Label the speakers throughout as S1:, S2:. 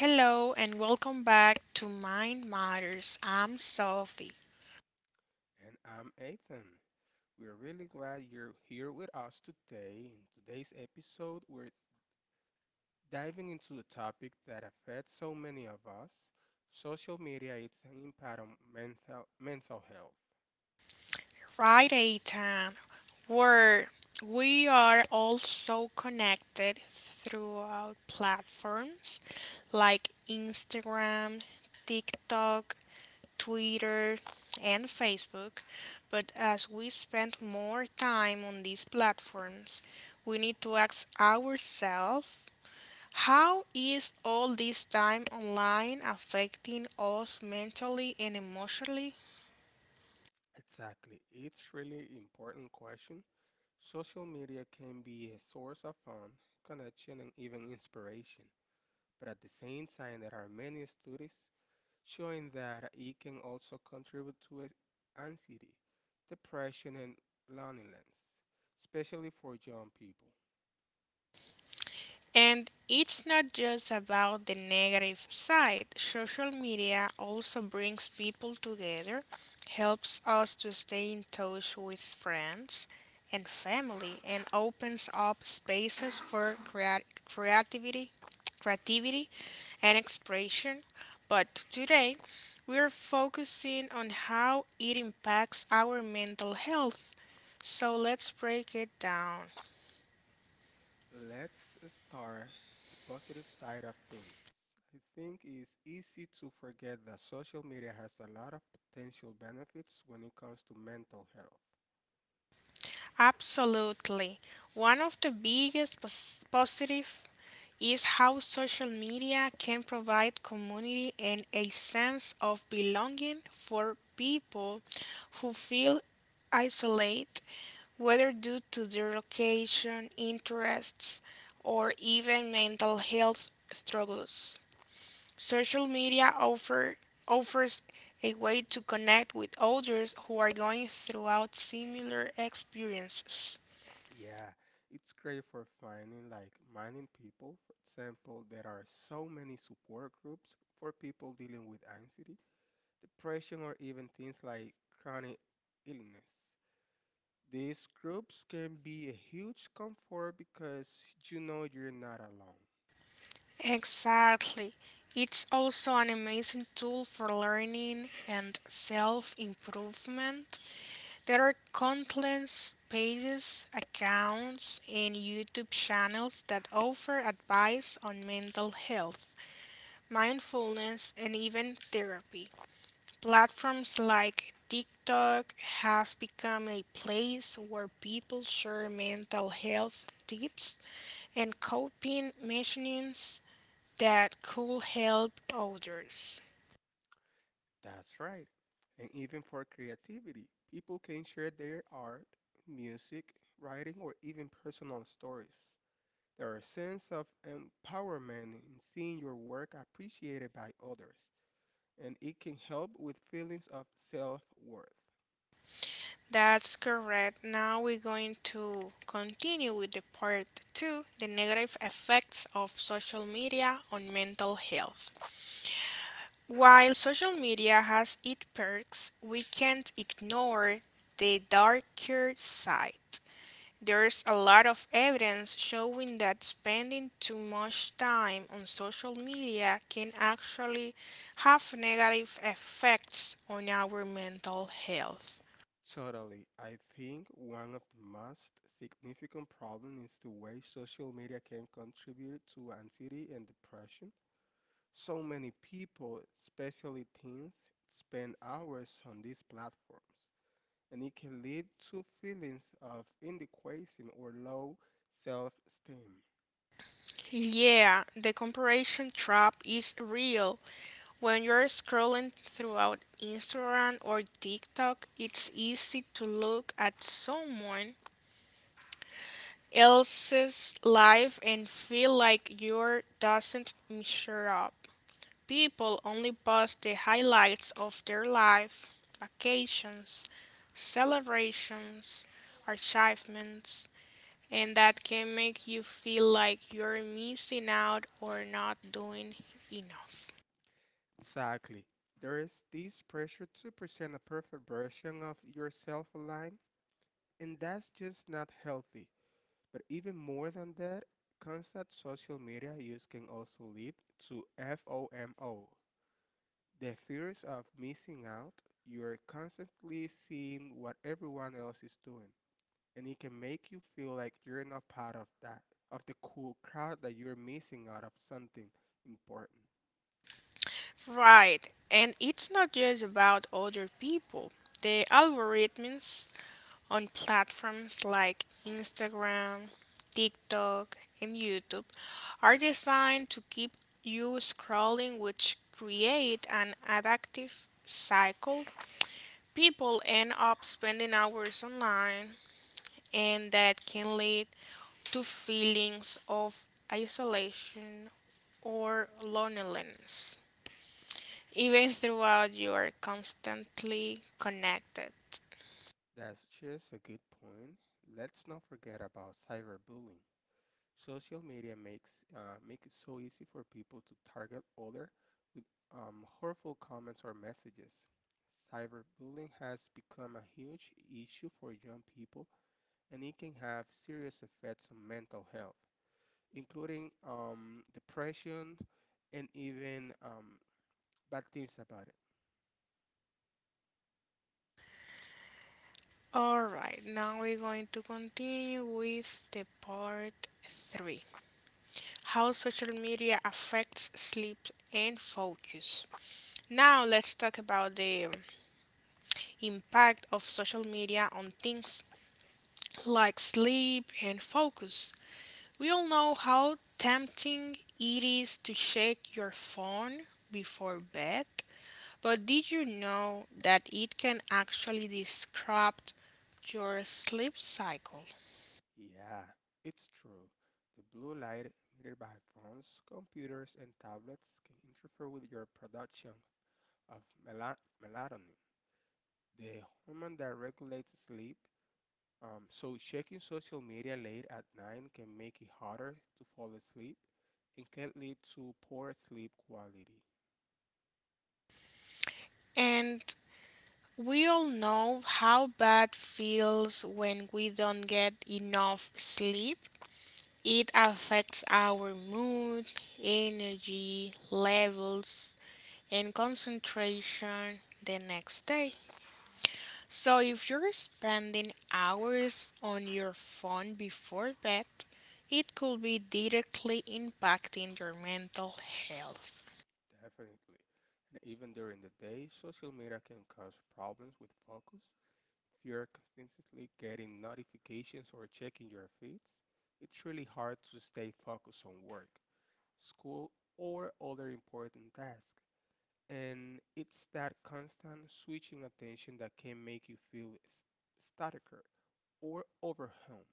S1: Hello and welcome back to Mind Matters. I'm Sophie.
S2: And I'm Ethan. We're really glad you're here with us today. In today's episode, we're diving into a topic that affects so many of us, social media, its impact on mental health.
S1: Right, a time where we are also connected throughout platforms like Instagram, TikTok, Twitter, and Facebook. But as we spend more time on these platforms, we need to ask ourselves, how is all this time online affecting us mentally and emotionally?
S2: Exactly. It's really important question. Social media can be a source of fun, connection, and even inspiration. But at the same time, there are many studies showing that it can also contribute to anxiety, depression, and loneliness, especially for young people.
S1: And it's not just about the negative side. Social media also brings people together, helps us to stay in touch with friends and family, and opens up spaces for creativity and expression. But today, we're focusing on how it impacts our mental health. So let's break it down.
S2: Let's start the positive side of things. I think it's easy to forget that social media has a lot of potential benefits when it comes to mental health.
S1: Absolutely. One of the biggest positive is how social media can provide community and a sense of belonging for people who feel isolated, whether due to their location, interests, or even mental health struggles. Social media offers a way to connect with others who are going throughout similar experiences.
S2: Yeah, it's great for finding like minding people. For example, there are so many support groups for people dealing with anxiety depression, or even things like chronic illness. These groups can be a huge comfort because you know you're not alone.
S1: Exactly. It's also an amazing tool for learning and self improvement. There are countless pages, accounts, and YouTube channels that offer advice on mental health, mindfulness, and even therapy. Platforms like TikTok have become a place where people share mental health tips and coping mechanisms that could help others.
S2: That's right. And even for creativity, people can share their art, music, writing, or even personal stories. There is a sense of empowerment in seeing your work appreciated by others, and it can help with feelings of self worth.
S1: That's correct. Now we're going to continue with the part two, the negative effects of social media on mental health. While social media has its perks, we can't ignore the darker side. There's a lot of evidence showing that spending too much time on social media can actually have negative effects on our mental health.
S2: Totally. I think one of the most significant problems is the way social media can contribute to anxiety and depression. So many people, especially teens, spend hours on these platforms, and it can lead to feelings of inadequacy or low self-esteem.
S1: Yeah, the comparison trap is real. When you're scrolling throughout Instagram or TikTok, it's easy to look at someone else's life and feel like your doesn't measure up. People only post the highlights of their life, vacations, celebrations, achievements, and that can make you feel like you're missing out or not doing enough.
S2: Exactly. There is this pressure to present a perfect version of yourself online, and that's just not healthy. But even more than that, constant social media use can also lead to FOMO, the fears of missing out. You're constantly seeing what everyone else is doing, and it can make you feel like you're not part of that, of the cool crowd, that you're missing out of something important.
S1: Right, and it's not just about other people. The algorithms on platforms like Instagram, TikTok, and YouTube are designed to keep you scrolling, which create an addictive cycle. People end up spending hours online, and that can lead to feelings of isolation or loneliness, even throughout you are constantly connected.
S2: That's just a good point. Let's not forget about cyberbullying. Social media makes make it so easy for people to target other with hurtful comments or messages. Cyberbullying has become a huge issue for young people, and it can have serious effects on mental health, including depression and even bad things about it.
S1: Alright, now we're going to continue with the part three, how social media affects sleep and focus. Now, let's talk about the impact of social media on things like sleep and focus. We all know how tempting it is to check your phone before bed, but did you know that it can actually disrupt your sleep cycle?
S2: Yeah, it's true. The blue light emitted by phones, computers, and tablets can interfere with your production of mela- melatonin the hormone that regulates sleep. So checking social media late at night can make it harder to fall asleep and can lead to poor sleep quality,
S1: And we all know how bad feels when we don't get enough sleep. It affects our mood, energy levels, and concentration the next day. So if you're spending hours on your phone before bed, it could be directly impacting your mental health.
S2: definitely. And even during the day, social media can cause problems with focus. If you're consistently getting notifications or checking your feeds, it's really hard to stay focused on work, school, or other important tasks. And it's that constant switching attention that can make you feel staticker or overwhelmed.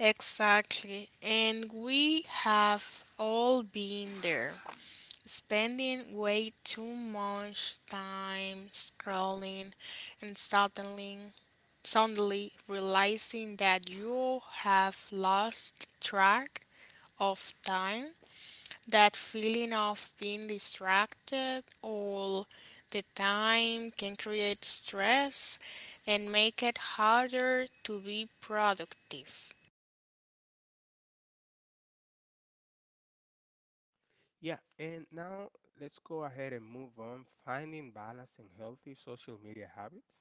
S1: Exactly. And we have all been there. Spending way too much time scrolling and suddenly realizing that you have lost track of time, that feeling of being distracted all the time can create stress and make it harder to be productive.
S2: Yeah, and now let's go ahead and move on finding balance and healthy social media habits.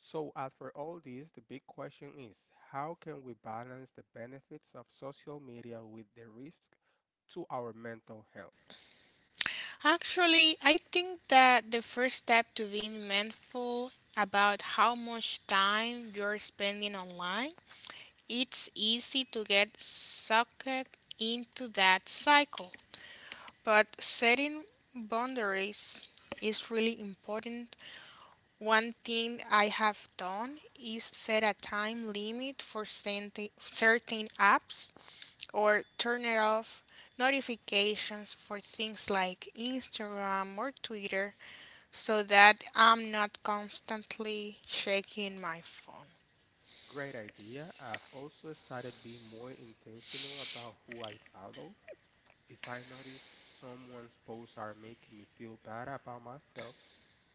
S2: So, after all this, the big question is how can we balance the benefits of social media with the risk to our mental health?
S1: Actually, I think that the first step to being mindful about how much time you're spending online, it's easy to get sucked into that cycle. But setting boundaries is really important. One thing I have done is set a time limit for certain apps or turn it off notifications for things like Instagram or Twitter so that I'm not constantly checking my phone.
S2: Great idea. I've also started being more intentional about who I follow. If I notice someone's posts are making me feel bad about myself,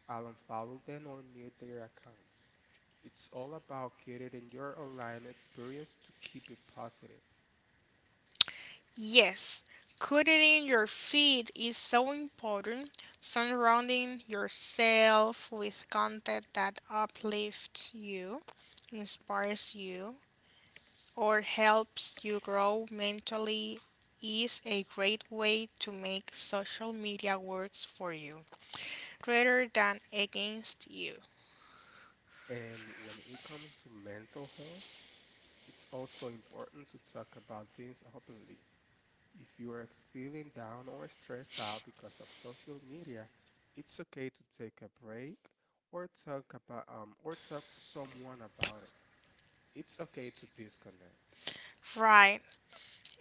S2: I'll unfollow them or mute their accounts. It's all about creating your online experience to keep it positive.
S1: Yes, curating your feed is so important. Surrounding yourself with content that uplifts you, inspires you, or helps you grow mentally is a great way to make social media works for you, rather than against you.
S2: And when it comes to mental health, it's also important to talk about things openly. If you are feeling down or stressed out because of social media, it's okay to take a break or talk to someone about it. It's okay to disconnect.
S1: Right.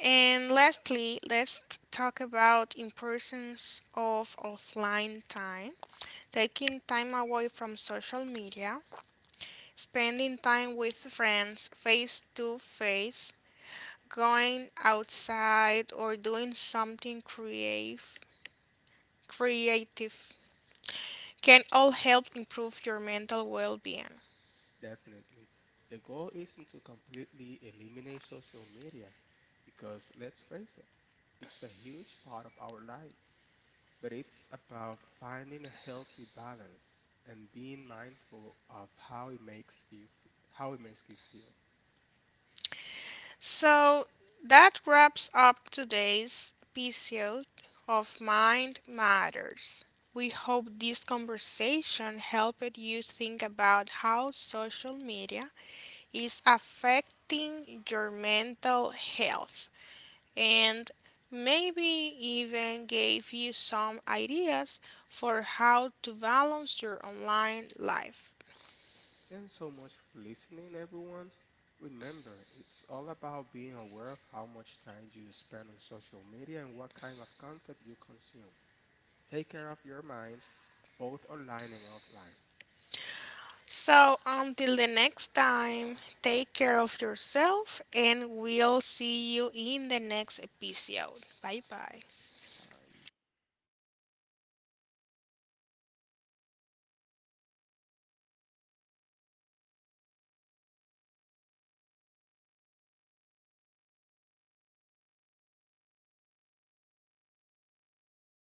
S1: And lastly, let's talk about importance of offline time. Taking time away from social media, spending time with friends face to face, going outside or doing something creative can all help improve your mental well-being.
S2: Definitely. The goal isn't to completely eliminate social media because let's face it, it's a huge part of our lives, but it's about finding a healthy balance and being mindful of how it makes you feel.
S1: So that wraps up today's episode of Mind Matters. We hope this conversation helped you think about how social media is affecting your mental health and maybe even gave you some ideas for how to balance your online life.
S2: Thanks so much for listening, everyone. Remember, it's all about being aware of how much time you spend on social media and what kind of content you consume. Take care of your mind, both online and offline.
S1: So until the next time, take care of yourself and we'll see you in the next episode. Bye bye.
S2: Aí